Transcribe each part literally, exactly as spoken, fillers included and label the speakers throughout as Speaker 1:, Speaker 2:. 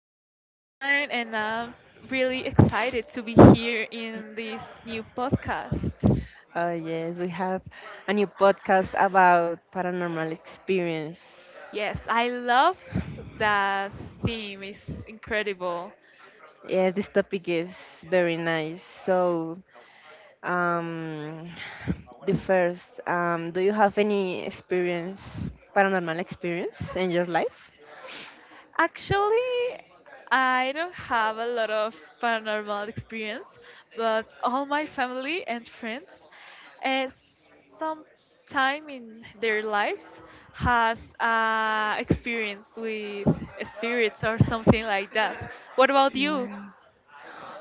Speaker 1: I'm very fine and I'm really excited to be here in this new podcast.
Speaker 2: Oh, yes, we have a new podcast about paranormal experience.
Speaker 1: Yes, I love that theme. It's incredible.
Speaker 2: Yes, this topic is very nice. So, um, the first, um, do you have any experience, paranormal experience in your life?
Speaker 1: Actually, I don't have a lot of paranormal experience, but all my family and friends, uh, some time in their lives, has uh, experience with spirits or something like that. What about you?
Speaker 2: Mm.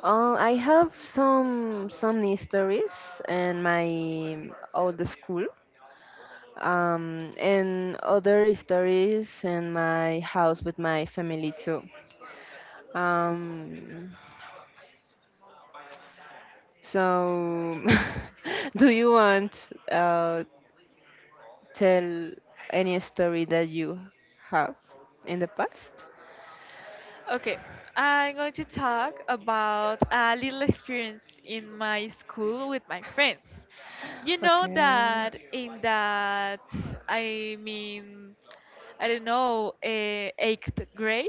Speaker 2: Uh, I have some some stories in my old school, um, and other stories in my house with my family too. Um, so, do you want uh, tell any story that you have in the past?
Speaker 1: Okay, I'm going to talk about a little experience in my school with my friends. You know
Speaker 2: Okay.
Speaker 1: that in that, I mean, I don't know, uh, eighth grade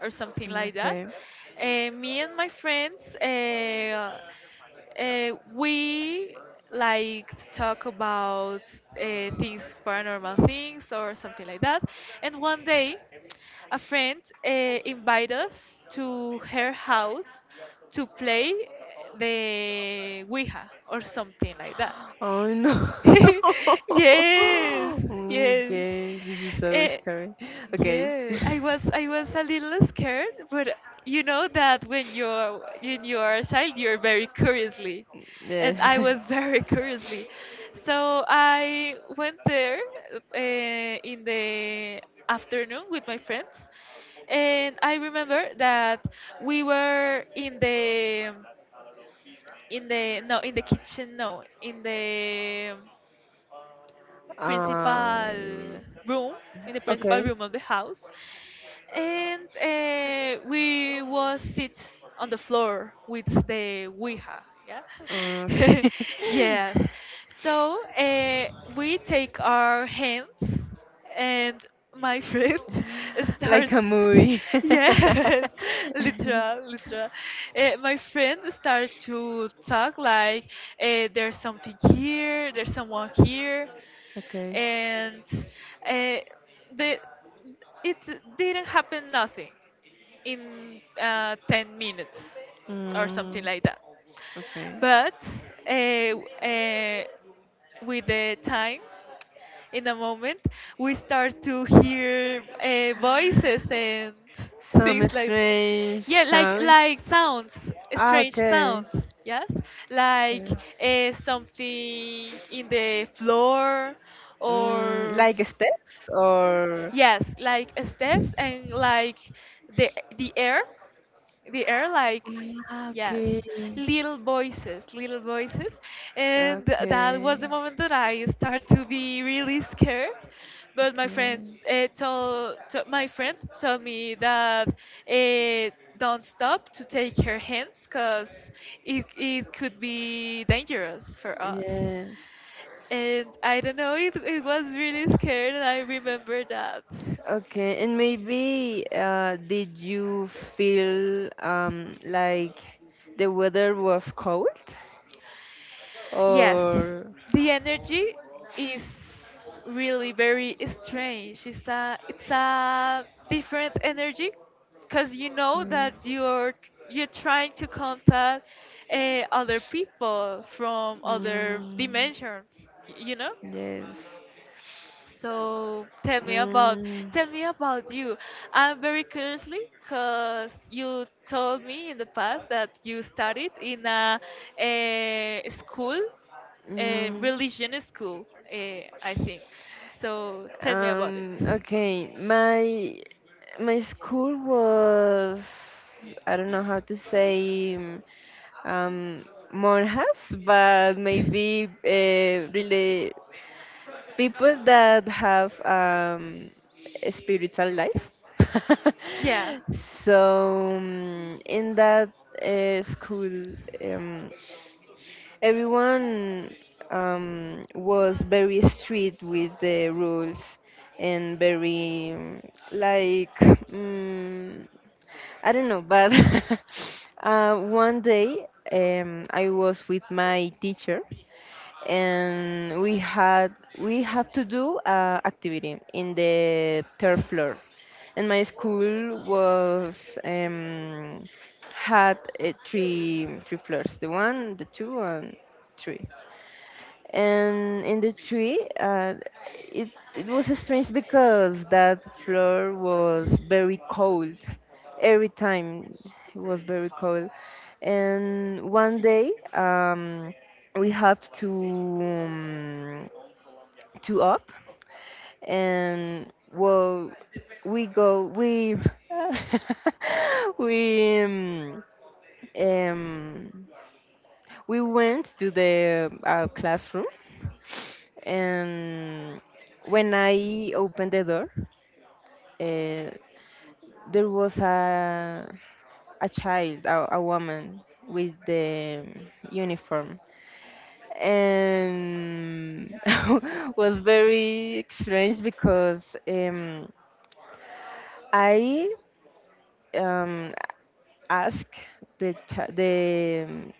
Speaker 1: or something like that,
Speaker 2: Okay.
Speaker 1: uh, me and my friends, uh, uh, we like to talk about uh, things, paranormal things or something like that. And one day, a friend uh, invited us to her house to play eh, the Ouija or something like that.
Speaker 2: Oh no.
Speaker 1: yes, yes.
Speaker 2: Okay, this is so
Speaker 1: Eh,
Speaker 2: scary. Okay.
Speaker 1: yeah, I was I was a little scared, but you know that when you're when you're a child, you're very curiously, and
Speaker 2: Yes.
Speaker 1: I was very curiously. So I went there uh, in the afternoon with my friends, and I remember that we were in the in the no in the kitchen no in the principal
Speaker 2: Um.
Speaker 1: room in the principal
Speaker 2: Okay.
Speaker 1: room of the house and uh, we was sit on the floor with the Ouija. Yeah.
Speaker 2: Okay.
Speaker 1: yes. So uh, we take our hands, and my friend start.
Speaker 2: Like a movie.
Speaker 1: Yes, literal, literal. Uh, my friend start to talk like uh, there's something here, there's someone here
Speaker 2: Okay.
Speaker 1: and uh, the it didn't happen nothing in uh, ten minutes or something
Speaker 2: Mm,
Speaker 1: like that,
Speaker 2: okay.
Speaker 1: but uh, uh, with the time in a moment we start to hear uh, voices and
Speaker 2: Some
Speaker 1: things like
Speaker 2: strange
Speaker 1: yeah like
Speaker 2: sound.
Speaker 1: like sounds,
Speaker 2: Ah,
Speaker 1: strange
Speaker 2: okay.
Speaker 1: sounds, yes, like
Speaker 2: Yeah.
Speaker 1: uh, something in the floor
Speaker 2: Mm,
Speaker 1: or
Speaker 2: like steps or.
Speaker 1: yes like steps and like the the air, the air like
Speaker 2: Ah,
Speaker 1: yes,
Speaker 2: okay.
Speaker 1: little voices, little voices And th- that was the
Speaker 2: Okay.
Speaker 1: moment that I start to be really scared, but my friends uh, told to, my friend told me that uh, don't stop to take her hands because it, it could be dangerous for us,
Speaker 2: Yes.
Speaker 1: and I don't know, it, it was really scared and I remember that.
Speaker 2: Okay. And maybe uh, did you feel um, like the weather was cold?
Speaker 1: Yes,
Speaker 2: Or
Speaker 1: the energy is really very strange. It's a it's a different energy because you know that
Speaker 2: mm,
Speaker 1: you're you're trying to contact uh, other people from other
Speaker 2: mm,
Speaker 1: dimensions. y- You know?
Speaker 2: yes
Speaker 1: So tell me about
Speaker 2: mm,
Speaker 1: tell me about you. I'm very curiously because you told me in the past that you studied in a, eh, school, a
Speaker 2: mm,
Speaker 1: religion school, eh, I think. So tell me about it.
Speaker 2: um okay, my my school was I don't know how to say um monjas, but maybe uh, really. People that have um, a spiritual life.
Speaker 1: Yeah,
Speaker 2: So um, in that uh, school, um, everyone um, was very strict with the rules and very um, like mm I don't know, but uh, one day um, I was with my teacher, and we had we have to do a activity in the third floor. And my school was um, had uh, three three floors, the one the two and three. And in the tree uh, it it was strange because that floor was very cold every time. It was very cold. And one day um, we have to um, to up. And well, we go we we um, um we went to the uh, classroom. And when I opened the door, uh, there was a a child, a, a woman with the uniform. And was very strange because um, I um, asked the ch- the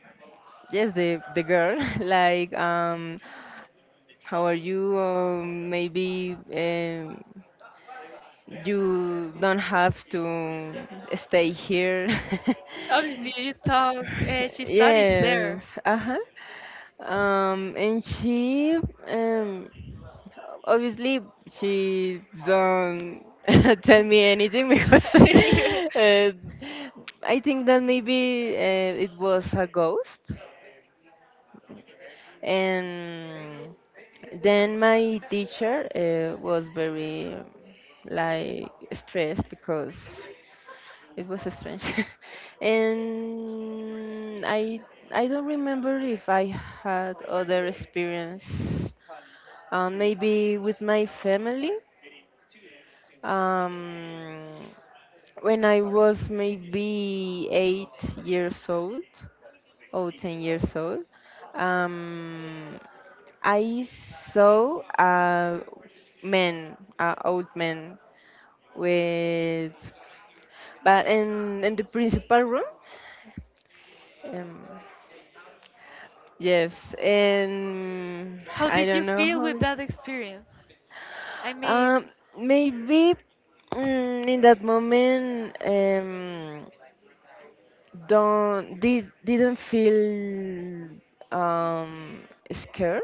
Speaker 2: yes the the girl like um how are you? Um, maybe um, you don't have to stay here.
Speaker 1: obviously you talked. Uh, she studied
Speaker 2: Yes.
Speaker 1: there.
Speaker 2: Uh huh. Um, and she, um, obviously, she don't tell me anything because uh, I think that maybe uh, it was a ghost. And then my teacher uh, was very um, like stressed because it was strange. And I I don't remember if I had other experience, um, maybe with my family. Um, when I was maybe eight years old or ten years old, um, I saw a man, a old man with, but in in the principal room. Um, yes, and
Speaker 1: How
Speaker 2: I
Speaker 1: did you
Speaker 2: don't know
Speaker 1: feel
Speaker 2: how.
Speaker 1: with
Speaker 2: It-
Speaker 1: that experience? I
Speaker 2: Um,
Speaker 1: mean,
Speaker 2: maybe mm, in that moment, um, don't did didn't feel um scared,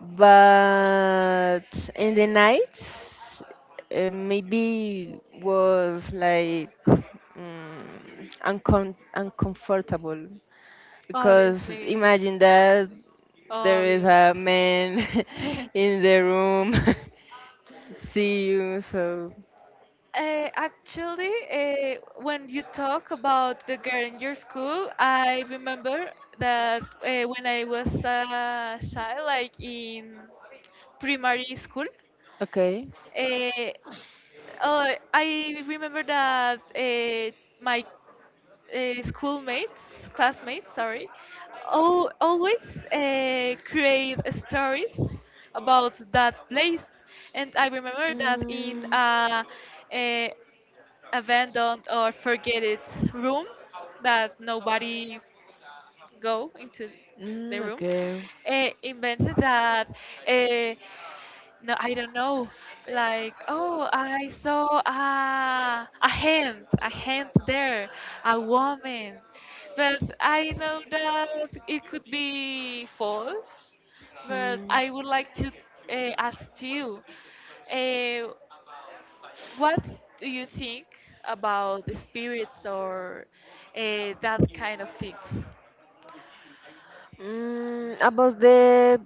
Speaker 2: but in the nights uh, maybe was like mm uncom- uncomfortable, because
Speaker 1: obviously.
Speaker 2: imagine that there is
Speaker 1: Obvious.
Speaker 2: a man in the room see you so
Speaker 1: Uh, actually, uh, when you talk about the girl in your school, I remember that uh, when I was a child, like in primary school,
Speaker 2: okay.
Speaker 1: uh, uh, I remember that uh, my uh, schoolmates, classmates, sorry, all, always uh, create stories about that place. And I remember that in
Speaker 2: Mm,
Speaker 1: a, a abandoned or forgotten room that nobody go into the
Speaker 2: Mm,
Speaker 1: room,
Speaker 2: okay.
Speaker 1: uh, invented that. Uh, no, I don't know. Like, oh, I saw a a hand, a hand there, a woman. But I know that it could be false. But
Speaker 2: Mm.
Speaker 1: I would like to uh, ask you, uh, what do you think about the spirits or uh, that kind of things?
Speaker 2: Mm, about the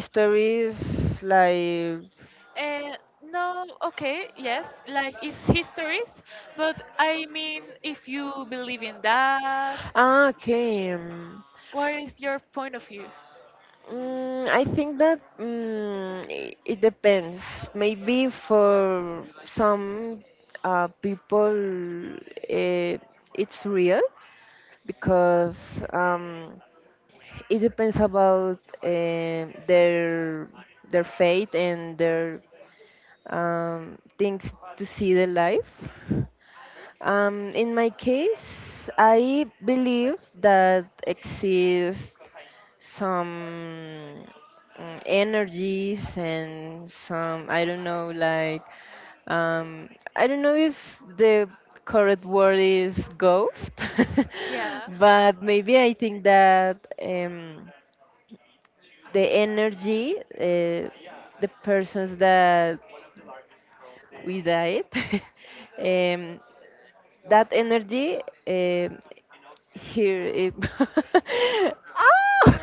Speaker 2: stories, like
Speaker 1: Uh, no, okay, yes, like it's histories, but I mean, if you believe in that,
Speaker 2: ah, okay. um,
Speaker 1: what is your point of view?
Speaker 2: mm, I think that mm, i- it depends. Maybe for some uh, people, eh, it's real because um, it depends about eh, their their faith and their um, things to see the life. Um, in my case, I believe that exists some mm, energies and some I don't know like um, I don't know if the correct word is ghost,
Speaker 1: Yeah.
Speaker 2: but maybe I think that um, the energy, uh, the persons that with diet. um, that energy um here it Ah!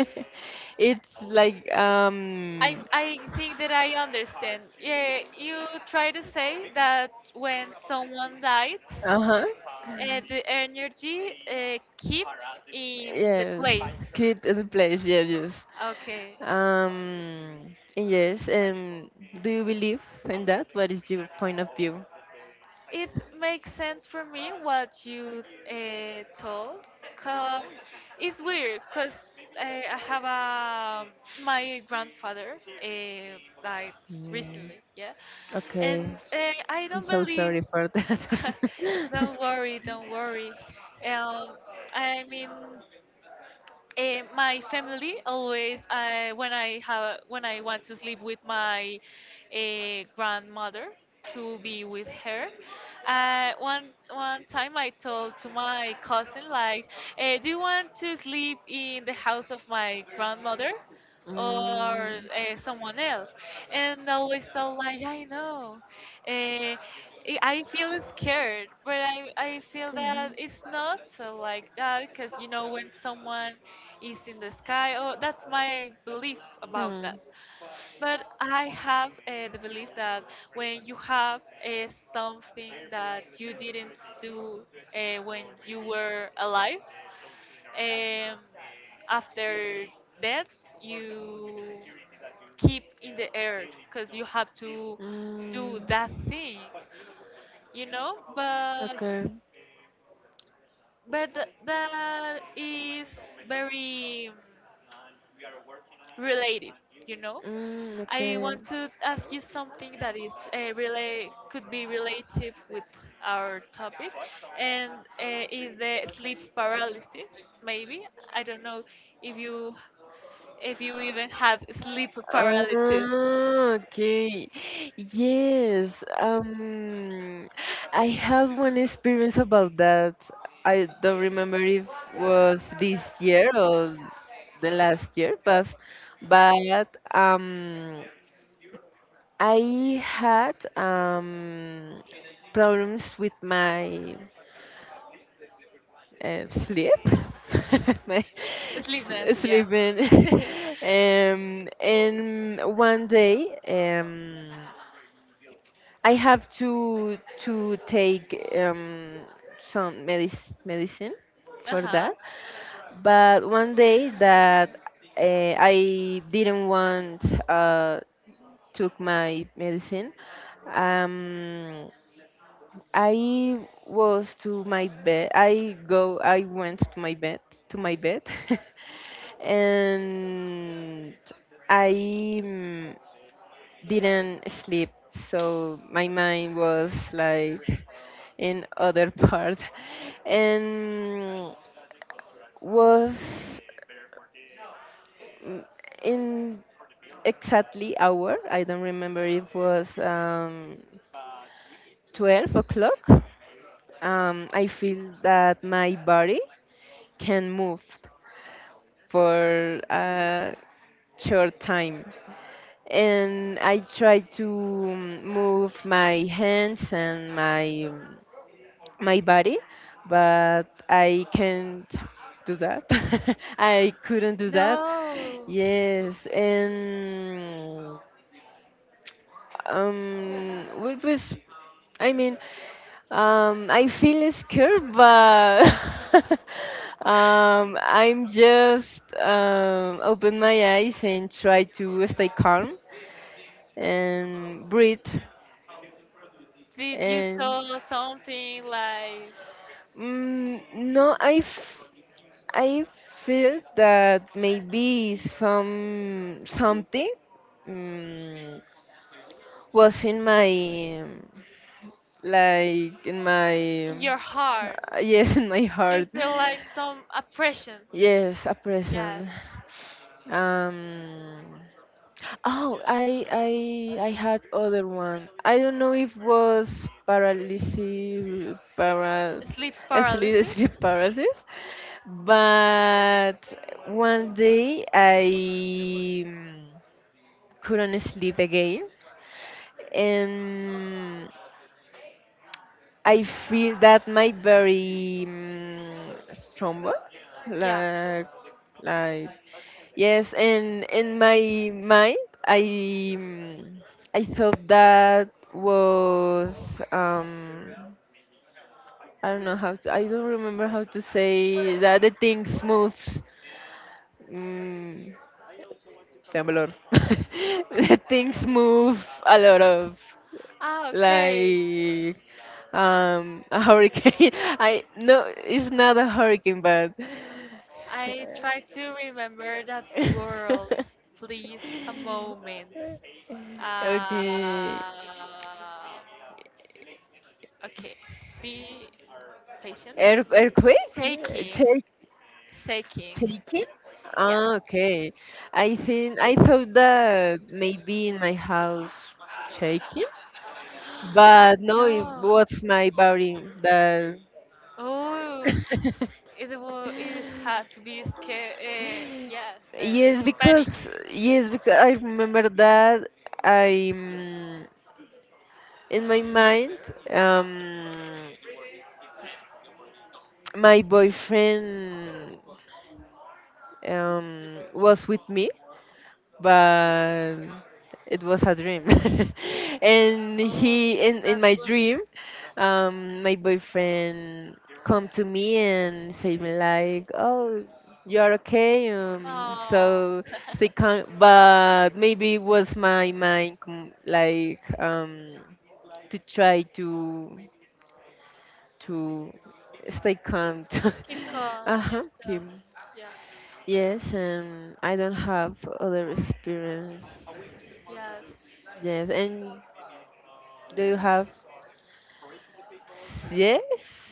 Speaker 2: it's like
Speaker 1: I
Speaker 2: um
Speaker 1: I think that I understand. Yeah, you try to say that when someone died,
Speaker 2: uh-huh
Speaker 1: uh, the energy uh, keeps in the
Speaker 2: yes
Speaker 1: place.
Speaker 2: keep in place yes yes
Speaker 1: Okay.
Speaker 2: um yes um do you believe in that, what is your point of view?
Speaker 1: It makes sense for me what you uh, told, cause it's weird, cause uh, I have a my grandfather uh, died
Speaker 2: Mm,
Speaker 1: recently, yeah, and
Speaker 2: okay.
Speaker 1: uh, I don't
Speaker 2: So
Speaker 1: believe.
Speaker 2: sorry for that.
Speaker 1: Don't worry, don't worry. Um, I mean, Eh, my family always uh, when I have when I want to sleep with my uh, grandmother to be with her. Uh, one one time I told to my cousin like, eh, "Do you want to sleep in the house of my grandmother?"
Speaker 2: Mm, okay.
Speaker 1: Or uh, someone else, and always thought like I know, uh, i I feel scared, but I, I feel that it's not so like that because you know when someone is in the sky, oh, that's my belief about that.
Speaker 2: Hmm.
Speaker 1: But I have uh, the belief that when you have uh, something that you didn't do uh, when you were alive, um, after that you keep in the air because you have to do
Speaker 2: Mm,
Speaker 1: that thing, you know. But
Speaker 2: okay.
Speaker 1: but th- that is very um, relative, you know.
Speaker 2: Mm, I
Speaker 1: I
Speaker 2: okay.
Speaker 1: want to ask you something that is uh, relate could be relative with our topic, and uh, is the sleep paralysis, maybe I don't know if you, if you even have sleep
Speaker 2: Art.
Speaker 1: paralysis.
Speaker 2: Ah, okay. Yes. Um, I have one experience about that. I don't remember if was this year or the last year, but but um, I had um problems with my uh, sleep, my
Speaker 1: Sleepness,
Speaker 2: s-
Speaker 1: yeah.
Speaker 2: sleeping,
Speaker 1: Uh-huh.
Speaker 2: um, and one day um, I have to to take um, some medic- medicine for that. But one day that uh, I didn't want uh, took my medicine. um, I was to my bed. I go. I went to my bed. To my bed, and I mm, didn't sleep. So my mind was like in other part. And was mm, in exactly hour. I don't remember if it was um, twelve o'clock. Um, I feel that my body can move for a short time. And I try to mm, move my hands and my mm, my body, but I can't do that. I couldn't do that.
Speaker 1: No.
Speaker 2: Yes, and um, it was. I mean, Um, I feel scared, but um, I'm just um, open my eyes and try to stay calm and breathe.
Speaker 1: Did you
Speaker 2: And
Speaker 1: saw something like
Speaker 2: mm, no, I, f- I feel that maybe some something mm, was in my um, like in my
Speaker 1: in your heart?
Speaker 2: uh, yes in my
Speaker 1: You
Speaker 2: heart.
Speaker 1: feel like some oppression.
Speaker 2: Yes, a
Speaker 1: Yes.
Speaker 2: present. Um, oh, I I I had other one. I don't know if was paralysis, para
Speaker 1: Sleep
Speaker 2: sleep
Speaker 1: paralysis?
Speaker 2: sleep paralysis, but one day I mm, couldn't sleep again. And I feel that my very mm, stumble,
Speaker 1: Yeah.
Speaker 2: like like yes. And in my mind, I mm, I thought that was um I don't know how to, I don't remember how to say that the things moves. Mm, temblor. The things move a lot of
Speaker 1: Ah, okay.
Speaker 2: like um a hurricane. I no, it's not a hurricane, but.
Speaker 1: I try to remember that world. Please, a moment. Uh,
Speaker 2: Okay.
Speaker 1: Okay. Be patient,
Speaker 2: Air,
Speaker 1: please.
Speaker 2: earthquake?
Speaker 1: Shaking.
Speaker 2: Shake,
Speaker 1: Shaking.
Speaker 2: shaking?
Speaker 1: Yeah.
Speaker 2: Ah, okay. I think I thought that maybe in my house shaking, but
Speaker 1: Ah,
Speaker 2: no, it was
Speaker 1: no.
Speaker 2: my body that.
Speaker 1: Oh, it will. It had to be scared. Uh, yes, the
Speaker 2: Yes,
Speaker 1: panic.
Speaker 2: because yes, because I remember that I mm, in my mind um my boyfriend um was with me, but it was a dream. And
Speaker 1: Oh,
Speaker 2: he in in
Speaker 1: that
Speaker 2: my
Speaker 1: was
Speaker 2: dream,
Speaker 1: crazy.
Speaker 2: um, my boyfriend come to me and say me like, "Oh, you are okay." Um,
Speaker 1: Uh,
Speaker 2: so
Speaker 1: Oh.
Speaker 2: they can, but maybe it was my mind com- like um to try to to stay calm.
Speaker 1: Keep calm
Speaker 2: Uh huh.
Speaker 1: yourself.
Speaker 2: Kim.
Speaker 1: Yeah.
Speaker 2: Yes, and I don't have other experience.
Speaker 1: Yes.
Speaker 2: Yes, and do
Speaker 1: Mm,
Speaker 2: you have? Yes.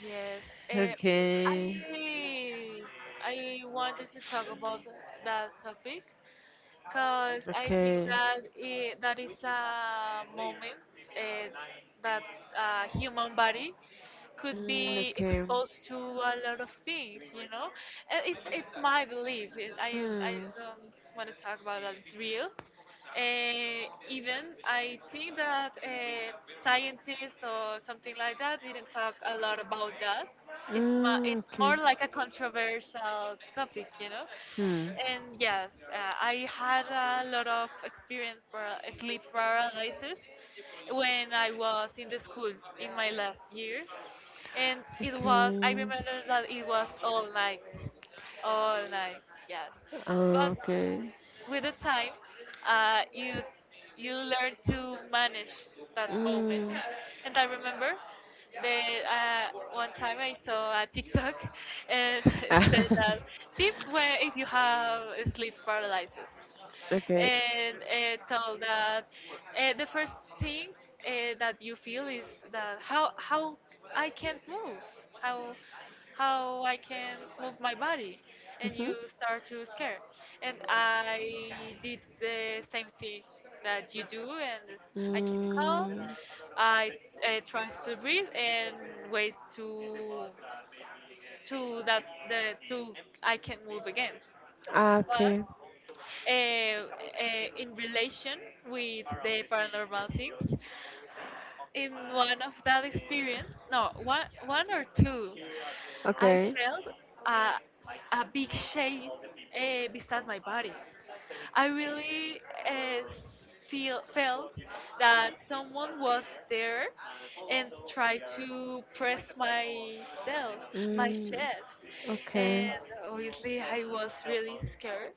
Speaker 1: yes. Uh,
Speaker 2: Okay.
Speaker 1: I I wanted to talk about that topic because I think
Speaker 2: Okay.
Speaker 1: that I that is a moment uh, that a human body could
Speaker 2: Mm,
Speaker 1: be
Speaker 2: okay.
Speaker 1: exposed to a lot of things, you know. Uh, It's it's my belief. It, I I
Speaker 2: Hmm.
Speaker 1: don't want to talk about that. It's real. Uh, even I think that uh, scientists or something like that didn't talk a lot about that. It's ma-
Speaker 2: Mm,
Speaker 1: it's
Speaker 2: okay.
Speaker 1: more like a controversial topic, you know.
Speaker 2: Hmm.
Speaker 1: And yes, uh, I had a lot of experience para- sleep paralysis when I was in the school in my last year. And it was, I
Speaker 2: Okay.
Speaker 1: remember that it was all night. All night, yes.
Speaker 2: Uh,
Speaker 1: But
Speaker 2: okay.
Speaker 1: with the time uh, you you learn to manage that moment.
Speaker 2: Mm.
Speaker 1: And I remember that uh, one time I saw a tiktok and it said that tips where if you have sleep paralysis,
Speaker 2: Okay.
Speaker 1: and uh, tell that uh, the first thing uh, that you feel is that how how I can't move, how how I can't move my body, and
Speaker 2: Hmm.
Speaker 1: you start to scare. And I did the same thing that you do, and I keep calm.
Speaker 2: Mm.
Speaker 1: I uh, try to breathe and wait to to that the to I can move again.
Speaker 2: Ah,
Speaker 1: But
Speaker 2: okay.
Speaker 1: uh, uh, in relation with the paranormal things, in one of that experience, no, one one or two, I
Speaker 2: Okay.
Speaker 1: felt a a big shape uh, beside my body. I really uh, s- feel felt that someone was there and tried to press myself, my chest,
Speaker 2: Okay. It
Speaker 1: and
Speaker 2: really.
Speaker 1: obviously I was really scared.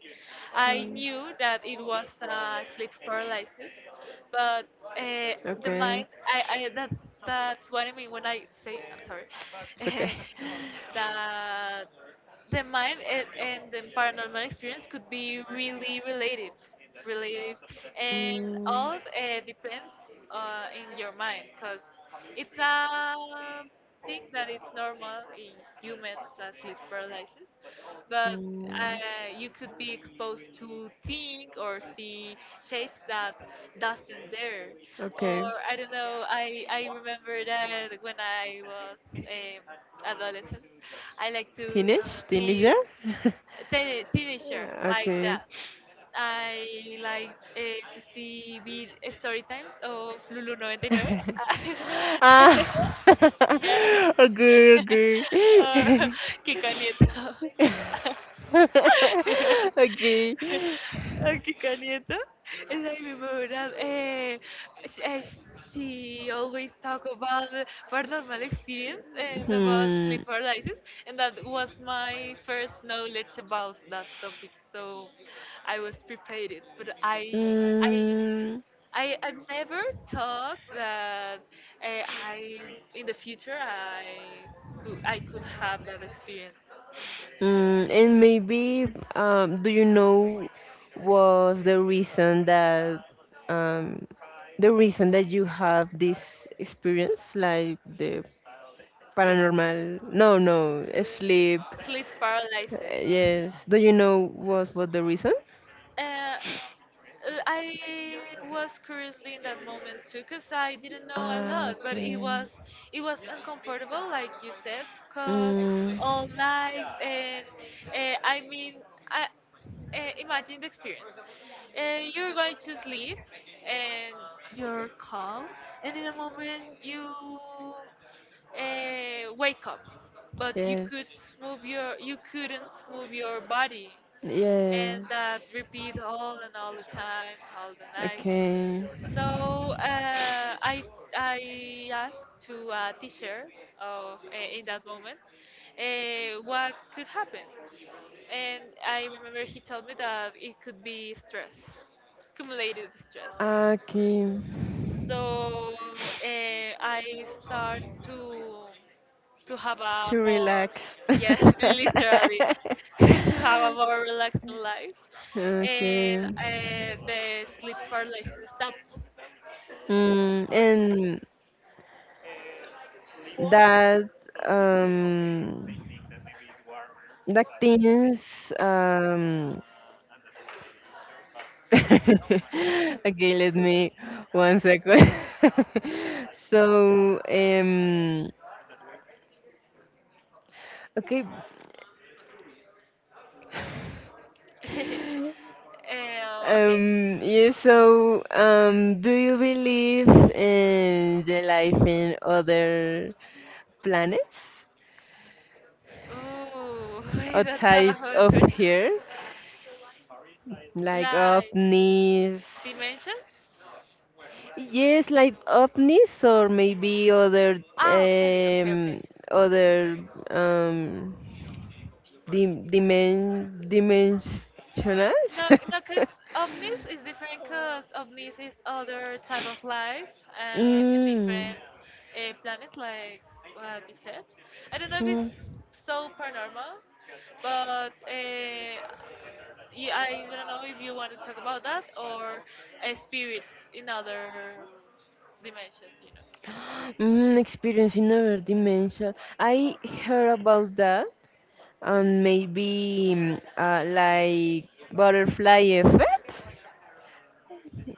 Speaker 1: I knew that it was a sleep paralysis, but uh, the mind, I, I that that's what I mean when I say I'm sorry,
Speaker 2: It's okay. that.
Speaker 1: that the mind and, and the paranormal experience could be really relative relative, and all uh, depends uh, in your mind because it's a thing that it's normal in humans as sleep paralysis, but
Speaker 2: Mm,
Speaker 1: uh, you could be exposed to think or see shades that doesn't there.
Speaker 2: okay.
Speaker 1: Or I don't know, i i remember that when I was um, adolescent, I like to
Speaker 2: Teenage? Teenager?
Speaker 1: see te- teenager like
Speaker 2: Okay.
Speaker 1: that. I like eh, to see vid story times of lulu noventa y nueve
Speaker 2: Ah.
Speaker 1: yeah.
Speaker 2: Okay, okay.
Speaker 1: Or Kika Nieto.
Speaker 2: Okay.
Speaker 1: Or Kika Nieto. And I remember that eh, she, eh, she always talk about paranormal experience and about
Speaker 2: Hmm.
Speaker 1: sleep paralysis, and that was my first knowledge about that topic. So I was prepared, but I I.
Speaker 2: Mm,
Speaker 1: I, I've never thought that uh, I in the future I could, I could have that experience.
Speaker 2: mm, and maybe, um, do you know was the reason that um, the reason that you have this experience, like the
Speaker 1: Yes.
Speaker 2: paranormal? No, no, sleep.
Speaker 1: Sleep
Speaker 2: uh,
Speaker 1: paralysis.
Speaker 2: Yes. Do you know what was the reason?
Speaker 1: Uh, uh, I was curiously in that moment too, cause I didn't know a
Speaker 2: Ah,
Speaker 1: lot, but it
Speaker 2: okay.
Speaker 1: was it was uncomfortable, like you said, cause
Speaker 2: Mm.
Speaker 1: all nights and uh, I mean, I uh, imagine the experience. Uh, you're going to sleep and you're calm, and in a moment you uh, wake up, but you
Speaker 2: Yes.
Speaker 1: could move your you couldn't move your body and
Speaker 2: Yes.
Speaker 1: that repeat all and all the time, all the night.
Speaker 2: Okay.
Speaker 1: So uh, I I asked to a teacher of uh, in that moment uh, what could happen, and I remember he told me that it could be stress, cumulative stress.
Speaker 2: Okay,
Speaker 1: So uh, I start to to have a
Speaker 2: to
Speaker 1: more
Speaker 2: relax.
Speaker 1: yes literally to have a more relaxed life, and
Speaker 2: Okay.
Speaker 1: uh, the sleep paralysis stopped.
Speaker 2: Mm, and that um that things um okay, let me one second. So um okay.
Speaker 1: uh, okay.
Speaker 2: Um, yeah, so um, do you believe in the life in other planets
Speaker 1: Ooh, that's a
Speaker 2: outside
Speaker 1: hard
Speaker 2: of
Speaker 1: question.
Speaker 2: here? Like
Speaker 1: Like
Speaker 2: ovnis?
Speaker 1: dimensions?
Speaker 2: Yes, like ovnis or maybe other
Speaker 1: Ah, okay, okay, okay.
Speaker 2: um, other um, dim dimen dimensionals?
Speaker 1: No, no, because ovnis is different. Because ovnis is other type of life uh, in
Speaker 2: Mm.
Speaker 1: different uh, planets, like what you said. I don't know if it's
Speaker 2: Mm.
Speaker 1: so paranormal, but uh, yeah, I don't know if you want to talk about that or uh, spirits in other dimensions. You know.
Speaker 2: Mm, experience in another dimension. I heard about that. And maybe mm, uh, like butterfly effect,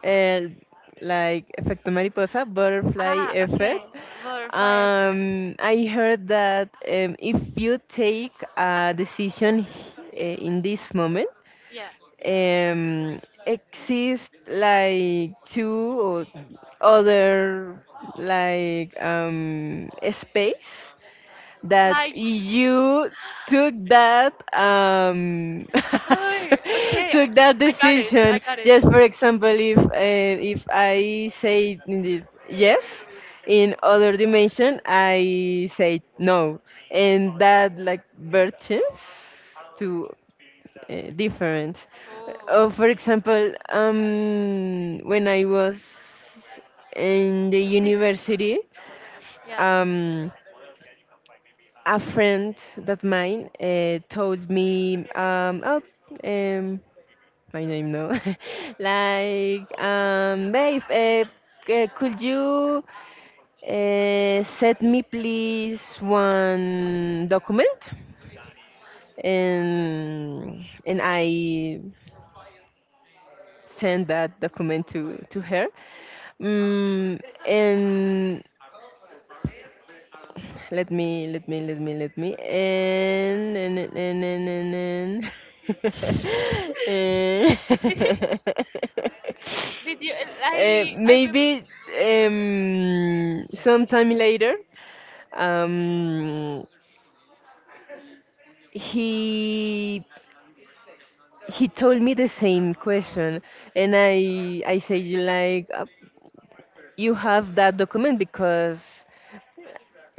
Speaker 2: uh, like efecto mariposa, butterfly
Speaker 1: Ah,
Speaker 2: effect.
Speaker 1: okay, butterfly effect.
Speaker 2: Um, I heard that um, if you take a decision h- eh, in this moment,
Speaker 1: Yeah.
Speaker 2: um, exist like two or other like um, space that
Speaker 1: Like,
Speaker 2: you took that um,
Speaker 1: oh, okay,
Speaker 2: took that
Speaker 1: I, I got it, I
Speaker 2: decision.
Speaker 1: got it.
Speaker 2: Just for example, if uh, if I say in the- yes in other dimension, I say no. And that like versions to uh, different.
Speaker 1: Oh.
Speaker 2: Uh, for example, um, when I was in the
Speaker 1: Did,
Speaker 2: university,
Speaker 1: yeah.
Speaker 2: um, a friend that mine uh, told me, um, oh, um, my name no, like, um, babe, uh, c- could you uh, send me, please, one document? And and I send that document to to her mm, and let me let me let me let me and and and and and, and and-
Speaker 1: Did you
Speaker 2: Eh,
Speaker 1: I I rem-
Speaker 2: maybe um, sometime later um, he he told me the same question. And I I say you like, "Uh, you have that document because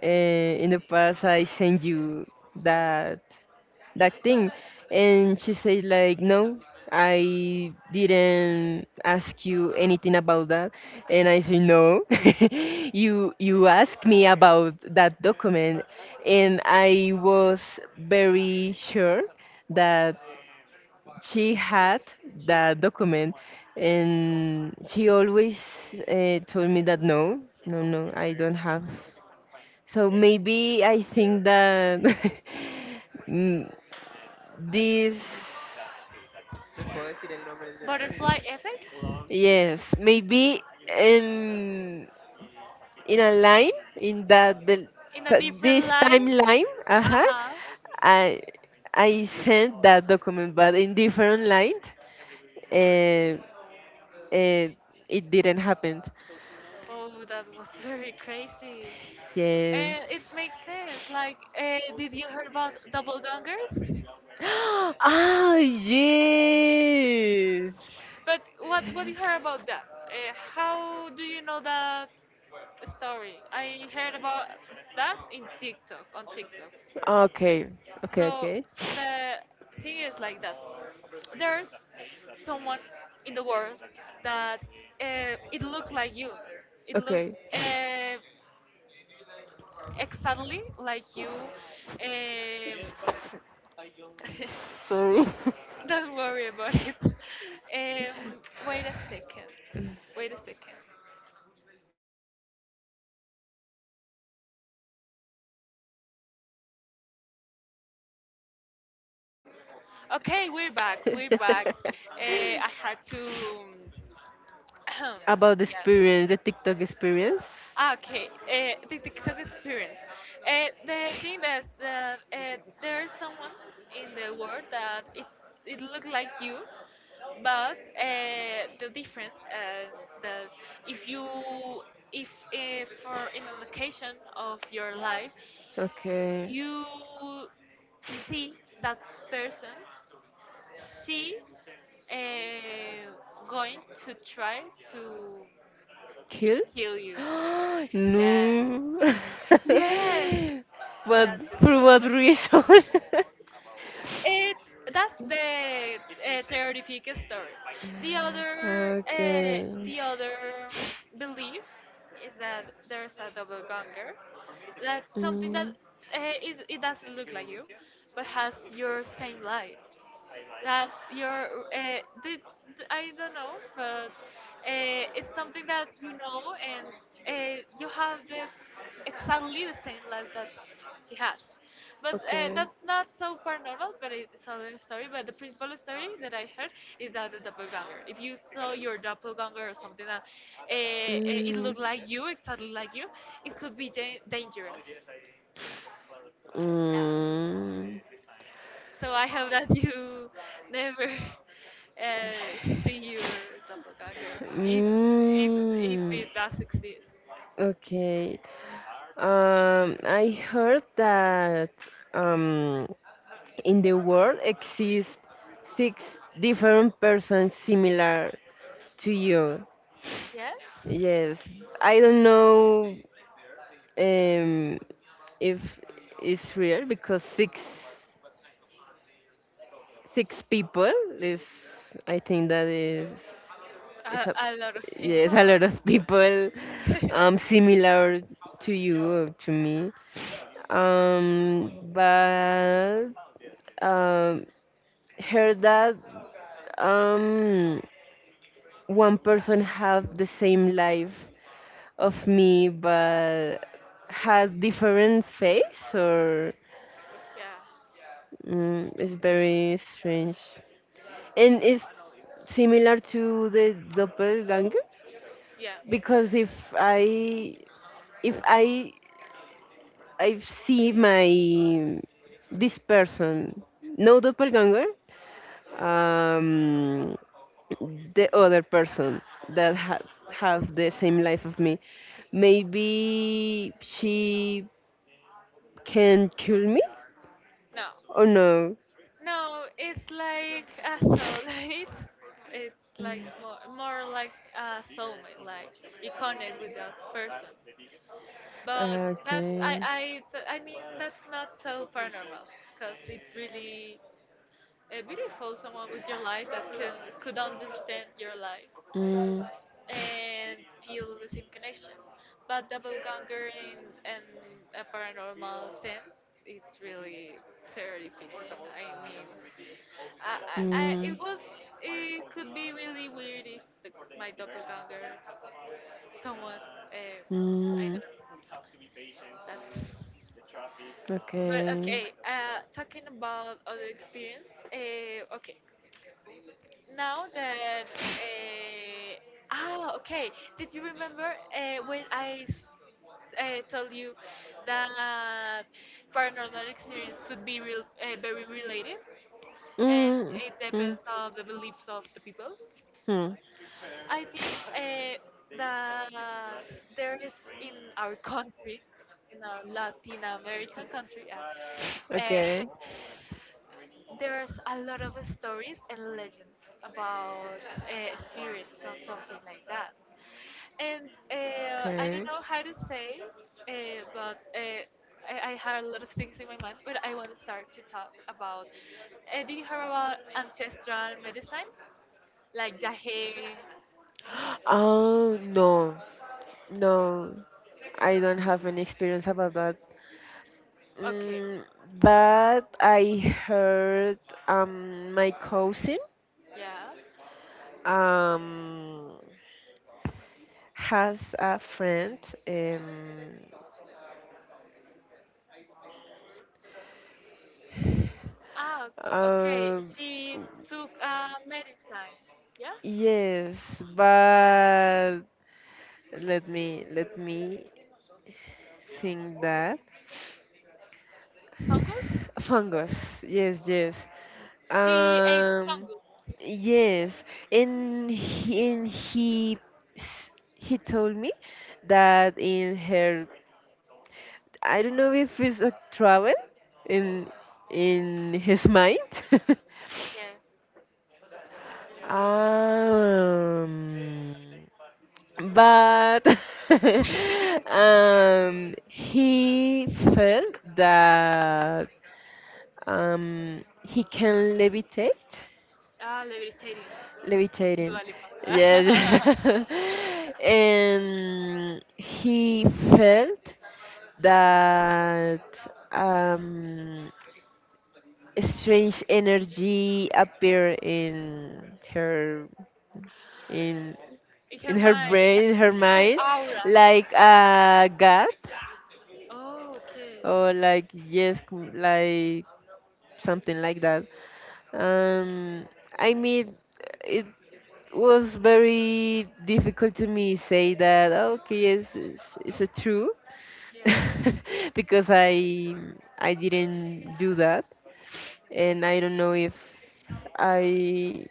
Speaker 2: uh, in the past I sent you that that thing." And she said like no, I didn't ask you anything about that. And I said, no, you you asked me about that document. And I was very sure that she had that document. And she always uh, told me that no, no, no, I don't have. So maybe I think that mm, this,
Speaker 1: butterfly effect
Speaker 2: yes, maybe in in a line in that the
Speaker 1: in a
Speaker 2: t-
Speaker 1: different
Speaker 2: this
Speaker 1: line?
Speaker 2: timeline,
Speaker 1: Uh
Speaker 2: uh-huh,
Speaker 1: huh.
Speaker 2: I I sent that document, but in different line, uh, uh, it didn't happen.
Speaker 1: Oh, that was very crazy.
Speaker 2: Yes.
Speaker 1: And it makes sense. Like, uh, did you hear about double gangers?
Speaker 2: Ah, yes.
Speaker 1: But what what you heard about that? Uh, how do you know that story? I heard about that in TikTok on TikTok.
Speaker 2: Okay, okay,
Speaker 1: So
Speaker 2: okay.
Speaker 1: the thing is like that. There's someone in the world that uh, it looked like you. It looked.
Speaker 2: Okay.
Speaker 1: Uh, exactly like you. Um,
Speaker 2: Sorry.
Speaker 1: don't worry about it. Um, wait a second. Wait a second. Okay, we're back. We're back. Uh, I had to.
Speaker 2: About the
Speaker 1: Yes.
Speaker 2: experience, the TikTok experience.
Speaker 1: Ah, okay, uh, the TikTok experience. Uh, the thing that that uh, there's someone in the world that it's it look like you, but uh, the difference is that if you if uh, for in an occasion of your life
Speaker 2: Life. Okay.
Speaker 1: you see that person, she uh, going to try to
Speaker 2: Kill?
Speaker 1: kill you.
Speaker 2: You
Speaker 1: Yes,
Speaker 2: no.
Speaker 1: yes,
Speaker 2: But
Speaker 1: that's the
Speaker 2: for what
Speaker 1: story.
Speaker 2: reason? And that's
Speaker 1: It's that's the uh, terrific story. The other uh, the other belief is that there's a double ganger. That's something that uh, it, it doesn't look like you, but has your same life. That's your. Uh, the, the- I don't know, but uh, it's something that you know, and uh, you have the exactly the same life that she has. But uh, that's not so paranormal, but it's another story. But the principal story that I heard is that the doppelganger. If you saw your doppelganger or something that uh, uh, it looked like you, exactly like you, it could be dan- dangerous. Yeah.
Speaker 2: Mm.
Speaker 1: So I hope that you never uh, see your doppelganger if if if it does exist.
Speaker 2: Okay. Um, I heard that um, in the world exist six different persons similar to you.
Speaker 1: Yes,
Speaker 2: Yes, I don't know. Um, if it's real because six six people is I think that is it's a
Speaker 1: a, a lot of
Speaker 2: yes
Speaker 1: people.
Speaker 2: a lot of people
Speaker 1: yeah,
Speaker 2: um similar to you or to me um but um heard that um one person have the same life of me, but has different face or mm, it's very strange. And it's similar to the doppelganger,
Speaker 1: yeah.
Speaker 2: because if I if I I see my this person, no doppelganger, um, the other person that ha- have the same life of me, maybe she can kill me
Speaker 1: No,
Speaker 2: or no
Speaker 1: no, it's like a soulmate. It's it's like more more like a soulmate. Like you connect with that person. But that's I
Speaker 2: okay.
Speaker 1: I th- I mean that's not so paranormal because it's really uh, beautiful. Someone with your life that can could understand your life
Speaker 2: Mm,
Speaker 1: and feel the same connection. But doppelganger in, in a paranormal sense its really terrific. I mean, I, I, I, it
Speaker 2: mm,
Speaker 1: was it could be really weird if the, my doppelganger someone uh, I
Speaker 2: mm,
Speaker 1: don't know. That's but
Speaker 2: okay.
Speaker 1: okay, uh, talking about other experience, uh, okay, now that uh, ah okay did you remember uh, when i s- uh, told you that paranormal experience could be real, uh, very related and
Speaker 2: Mm,
Speaker 1: it
Speaker 2: mm,
Speaker 1: depends of the beliefs of the people. I think uh,
Speaker 2: hmm.
Speaker 1: that there's in our country, in our Latin American country, uh, uh,
Speaker 2: Okay.
Speaker 1: there's a lot of stories and legends about uh, spirits and something like that. And uh, I don't
Speaker 2: Okay.
Speaker 1: know how to say, uh, but uh, I, I had a lot of things in my mind, but I want to start to talk about. Uh, did you hear about ancestral medicine? Like Yahe.
Speaker 2: Oh no, no, I don't have any experience about that.
Speaker 1: Okay.
Speaker 2: Mm,
Speaker 1: Um.
Speaker 2: but I heard um my cousin
Speaker 1: Yeah.
Speaker 2: um has a friend um,
Speaker 1: Ah. Okay.
Speaker 2: um,
Speaker 1: She took uh, medicine. Yeah.
Speaker 2: yes, but let me let me think that
Speaker 1: Fungus.
Speaker 2: fungus, yes yes
Speaker 1: She ate
Speaker 2: um
Speaker 1: fungus.
Speaker 2: yes. And he, and he s- he told me that in her I don't know if it's a travel in in his mind.
Speaker 1: Yes.
Speaker 2: um, but um, he felt that um, he can levitate,
Speaker 1: Ah, levichating.
Speaker 2: levitating.
Speaker 1: Dua Lipa.
Speaker 2: Yes, and he felt that um, strange energy appear in her in
Speaker 1: In her
Speaker 2: in her
Speaker 1: mind, in her,
Speaker 2: brain, in her
Speaker 1: in her
Speaker 2: mind,
Speaker 1: aura.
Speaker 2: like a god
Speaker 1: Oh, okay.
Speaker 2: or like yes, c- like something like that. Um, I mean, it was very difficult to me say that. Okay, yes, it's, it's a true.
Speaker 1: Yeah.
Speaker 2: Because I I didn't do that, and I don't know if I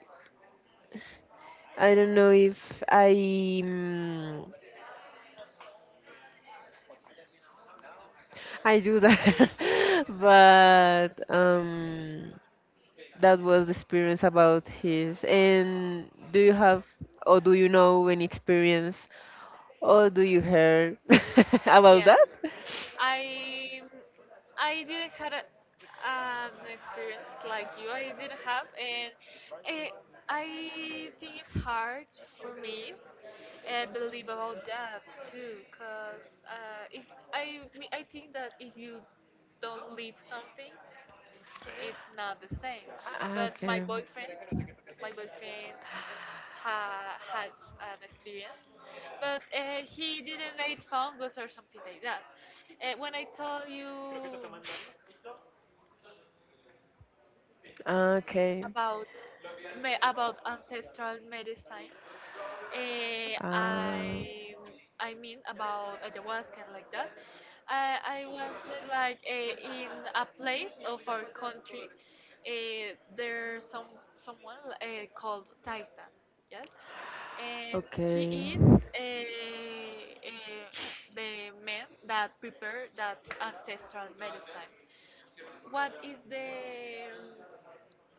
Speaker 2: I don't know if I mm, I do that. But um, that was the experience about his. And do you have, or do you know any experience, or do you hear about that?
Speaker 1: Yes, I I didn't had a, an experience like you. I didn't have, and eh, I think it's hard for me. I believe about that too, cause uh, if I me- I think that if you don't leave something, it's not the same. But my
Speaker 2: Okay.
Speaker 1: boyfriend, my boyfriend ha, had an experience, but uh, he didn't eat fungus or something like that. Uh, when I tell you
Speaker 2: Okay.
Speaker 1: about me, about ancestral medicine. Eh,
Speaker 2: Uh,
Speaker 1: I I mean about ayahuasca and like that. I I once said like eh, in a place of our country, eh, there's some someone eh, called Taita, yes, and he is eh, eh, the man that prepared that ancestral medicine. What is the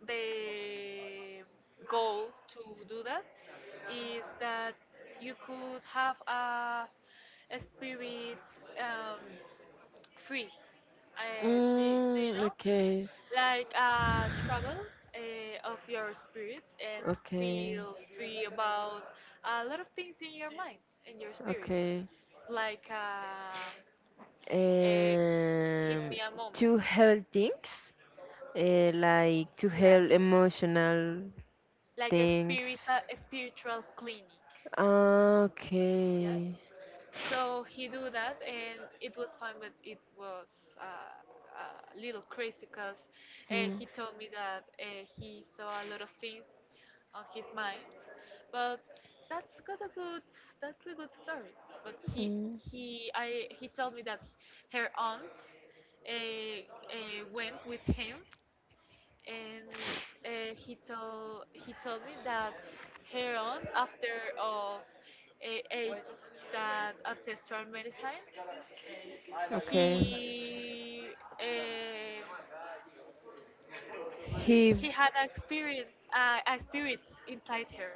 Speaker 1: the goal to do that is that you could have a, a spirit um, free. Uh, do, do you
Speaker 2: mm, do
Speaker 1: know?
Speaker 2: okay.
Speaker 1: Like a travel uh, of your spirit and feel free about a lot of things in your mind, in your spirit. Like, uh, uh, give
Speaker 2: um,
Speaker 1: me a
Speaker 2: to
Speaker 1: moment.
Speaker 2: help things, uh, like to
Speaker 1: Yes.
Speaker 2: help emotional
Speaker 1: Like a
Speaker 2: things.
Speaker 1: spiritual a spiritual clinic. Yes,
Speaker 2: Okay.
Speaker 1: so he do that and it was fine, but it was uh, a little crazy, because uh,
Speaker 2: Hmm.
Speaker 1: he told me that uh, he saw a lot of things on his mind, but that's got a good that's a good story, but he
Speaker 2: Mm.
Speaker 1: he i he told me that her aunt uh, uh, went with him, and uh, he told he told me that her aunt after of uh, AIDS, that ancestral medicine,
Speaker 2: Okay.
Speaker 1: he um
Speaker 2: He.
Speaker 1: he had an experience, uh, a spirit inside her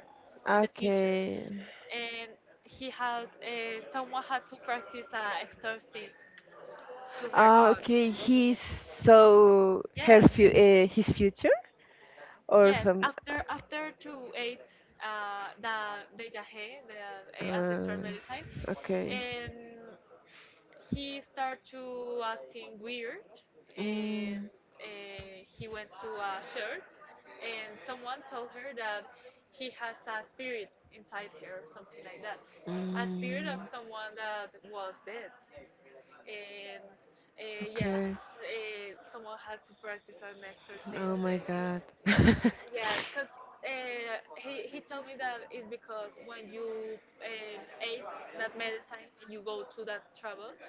Speaker 1: in the future,
Speaker 2: Okay.
Speaker 1: and he had uh, someone had to practice uh, exorcism to her
Speaker 2: Ah,
Speaker 1: aunt.
Speaker 2: okay. He's so her
Speaker 1: Yes.
Speaker 2: fu- uh, his future or
Speaker 1: Yeah,
Speaker 2: some.
Speaker 1: after after two eight, uh, the the Yahe, the uh, ancestral
Speaker 2: Uh,
Speaker 1: medicine,
Speaker 2: okay.
Speaker 1: um, he started to acting weird,
Speaker 2: Mm,
Speaker 1: and
Speaker 2: mm,
Speaker 1: uh, he went to a church, and someone told her that he has a spirit inside her, or something like that, a spirit of someone that was dead, and uh, yes,
Speaker 2: okay.
Speaker 1: uh, someone had to practice an exorcism
Speaker 2: Oh my
Speaker 1: and
Speaker 2: God.
Speaker 1: yes, because uh, he, he told me that it's because when you uh, ate that medicine and you go to that travel, uh,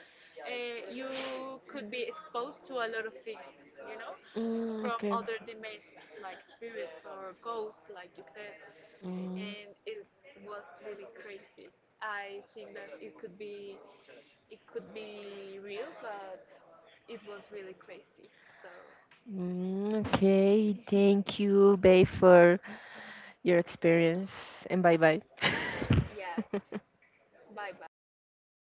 Speaker 1: you could be exposed to a lot of things, you know,
Speaker 2: Mm,
Speaker 1: from
Speaker 2: okay.
Speaker 1: other dimensions like spirits or ghosts, like you said,
Speaker 2: Mm.
Speaker 1: and it was really crazy. I think that it could be it could be real, but it was really crazy. So
Speaker 2: Mm, okay, thank you, babe, for your experience, and bye bye.
Speaker 1: yes, bye bye.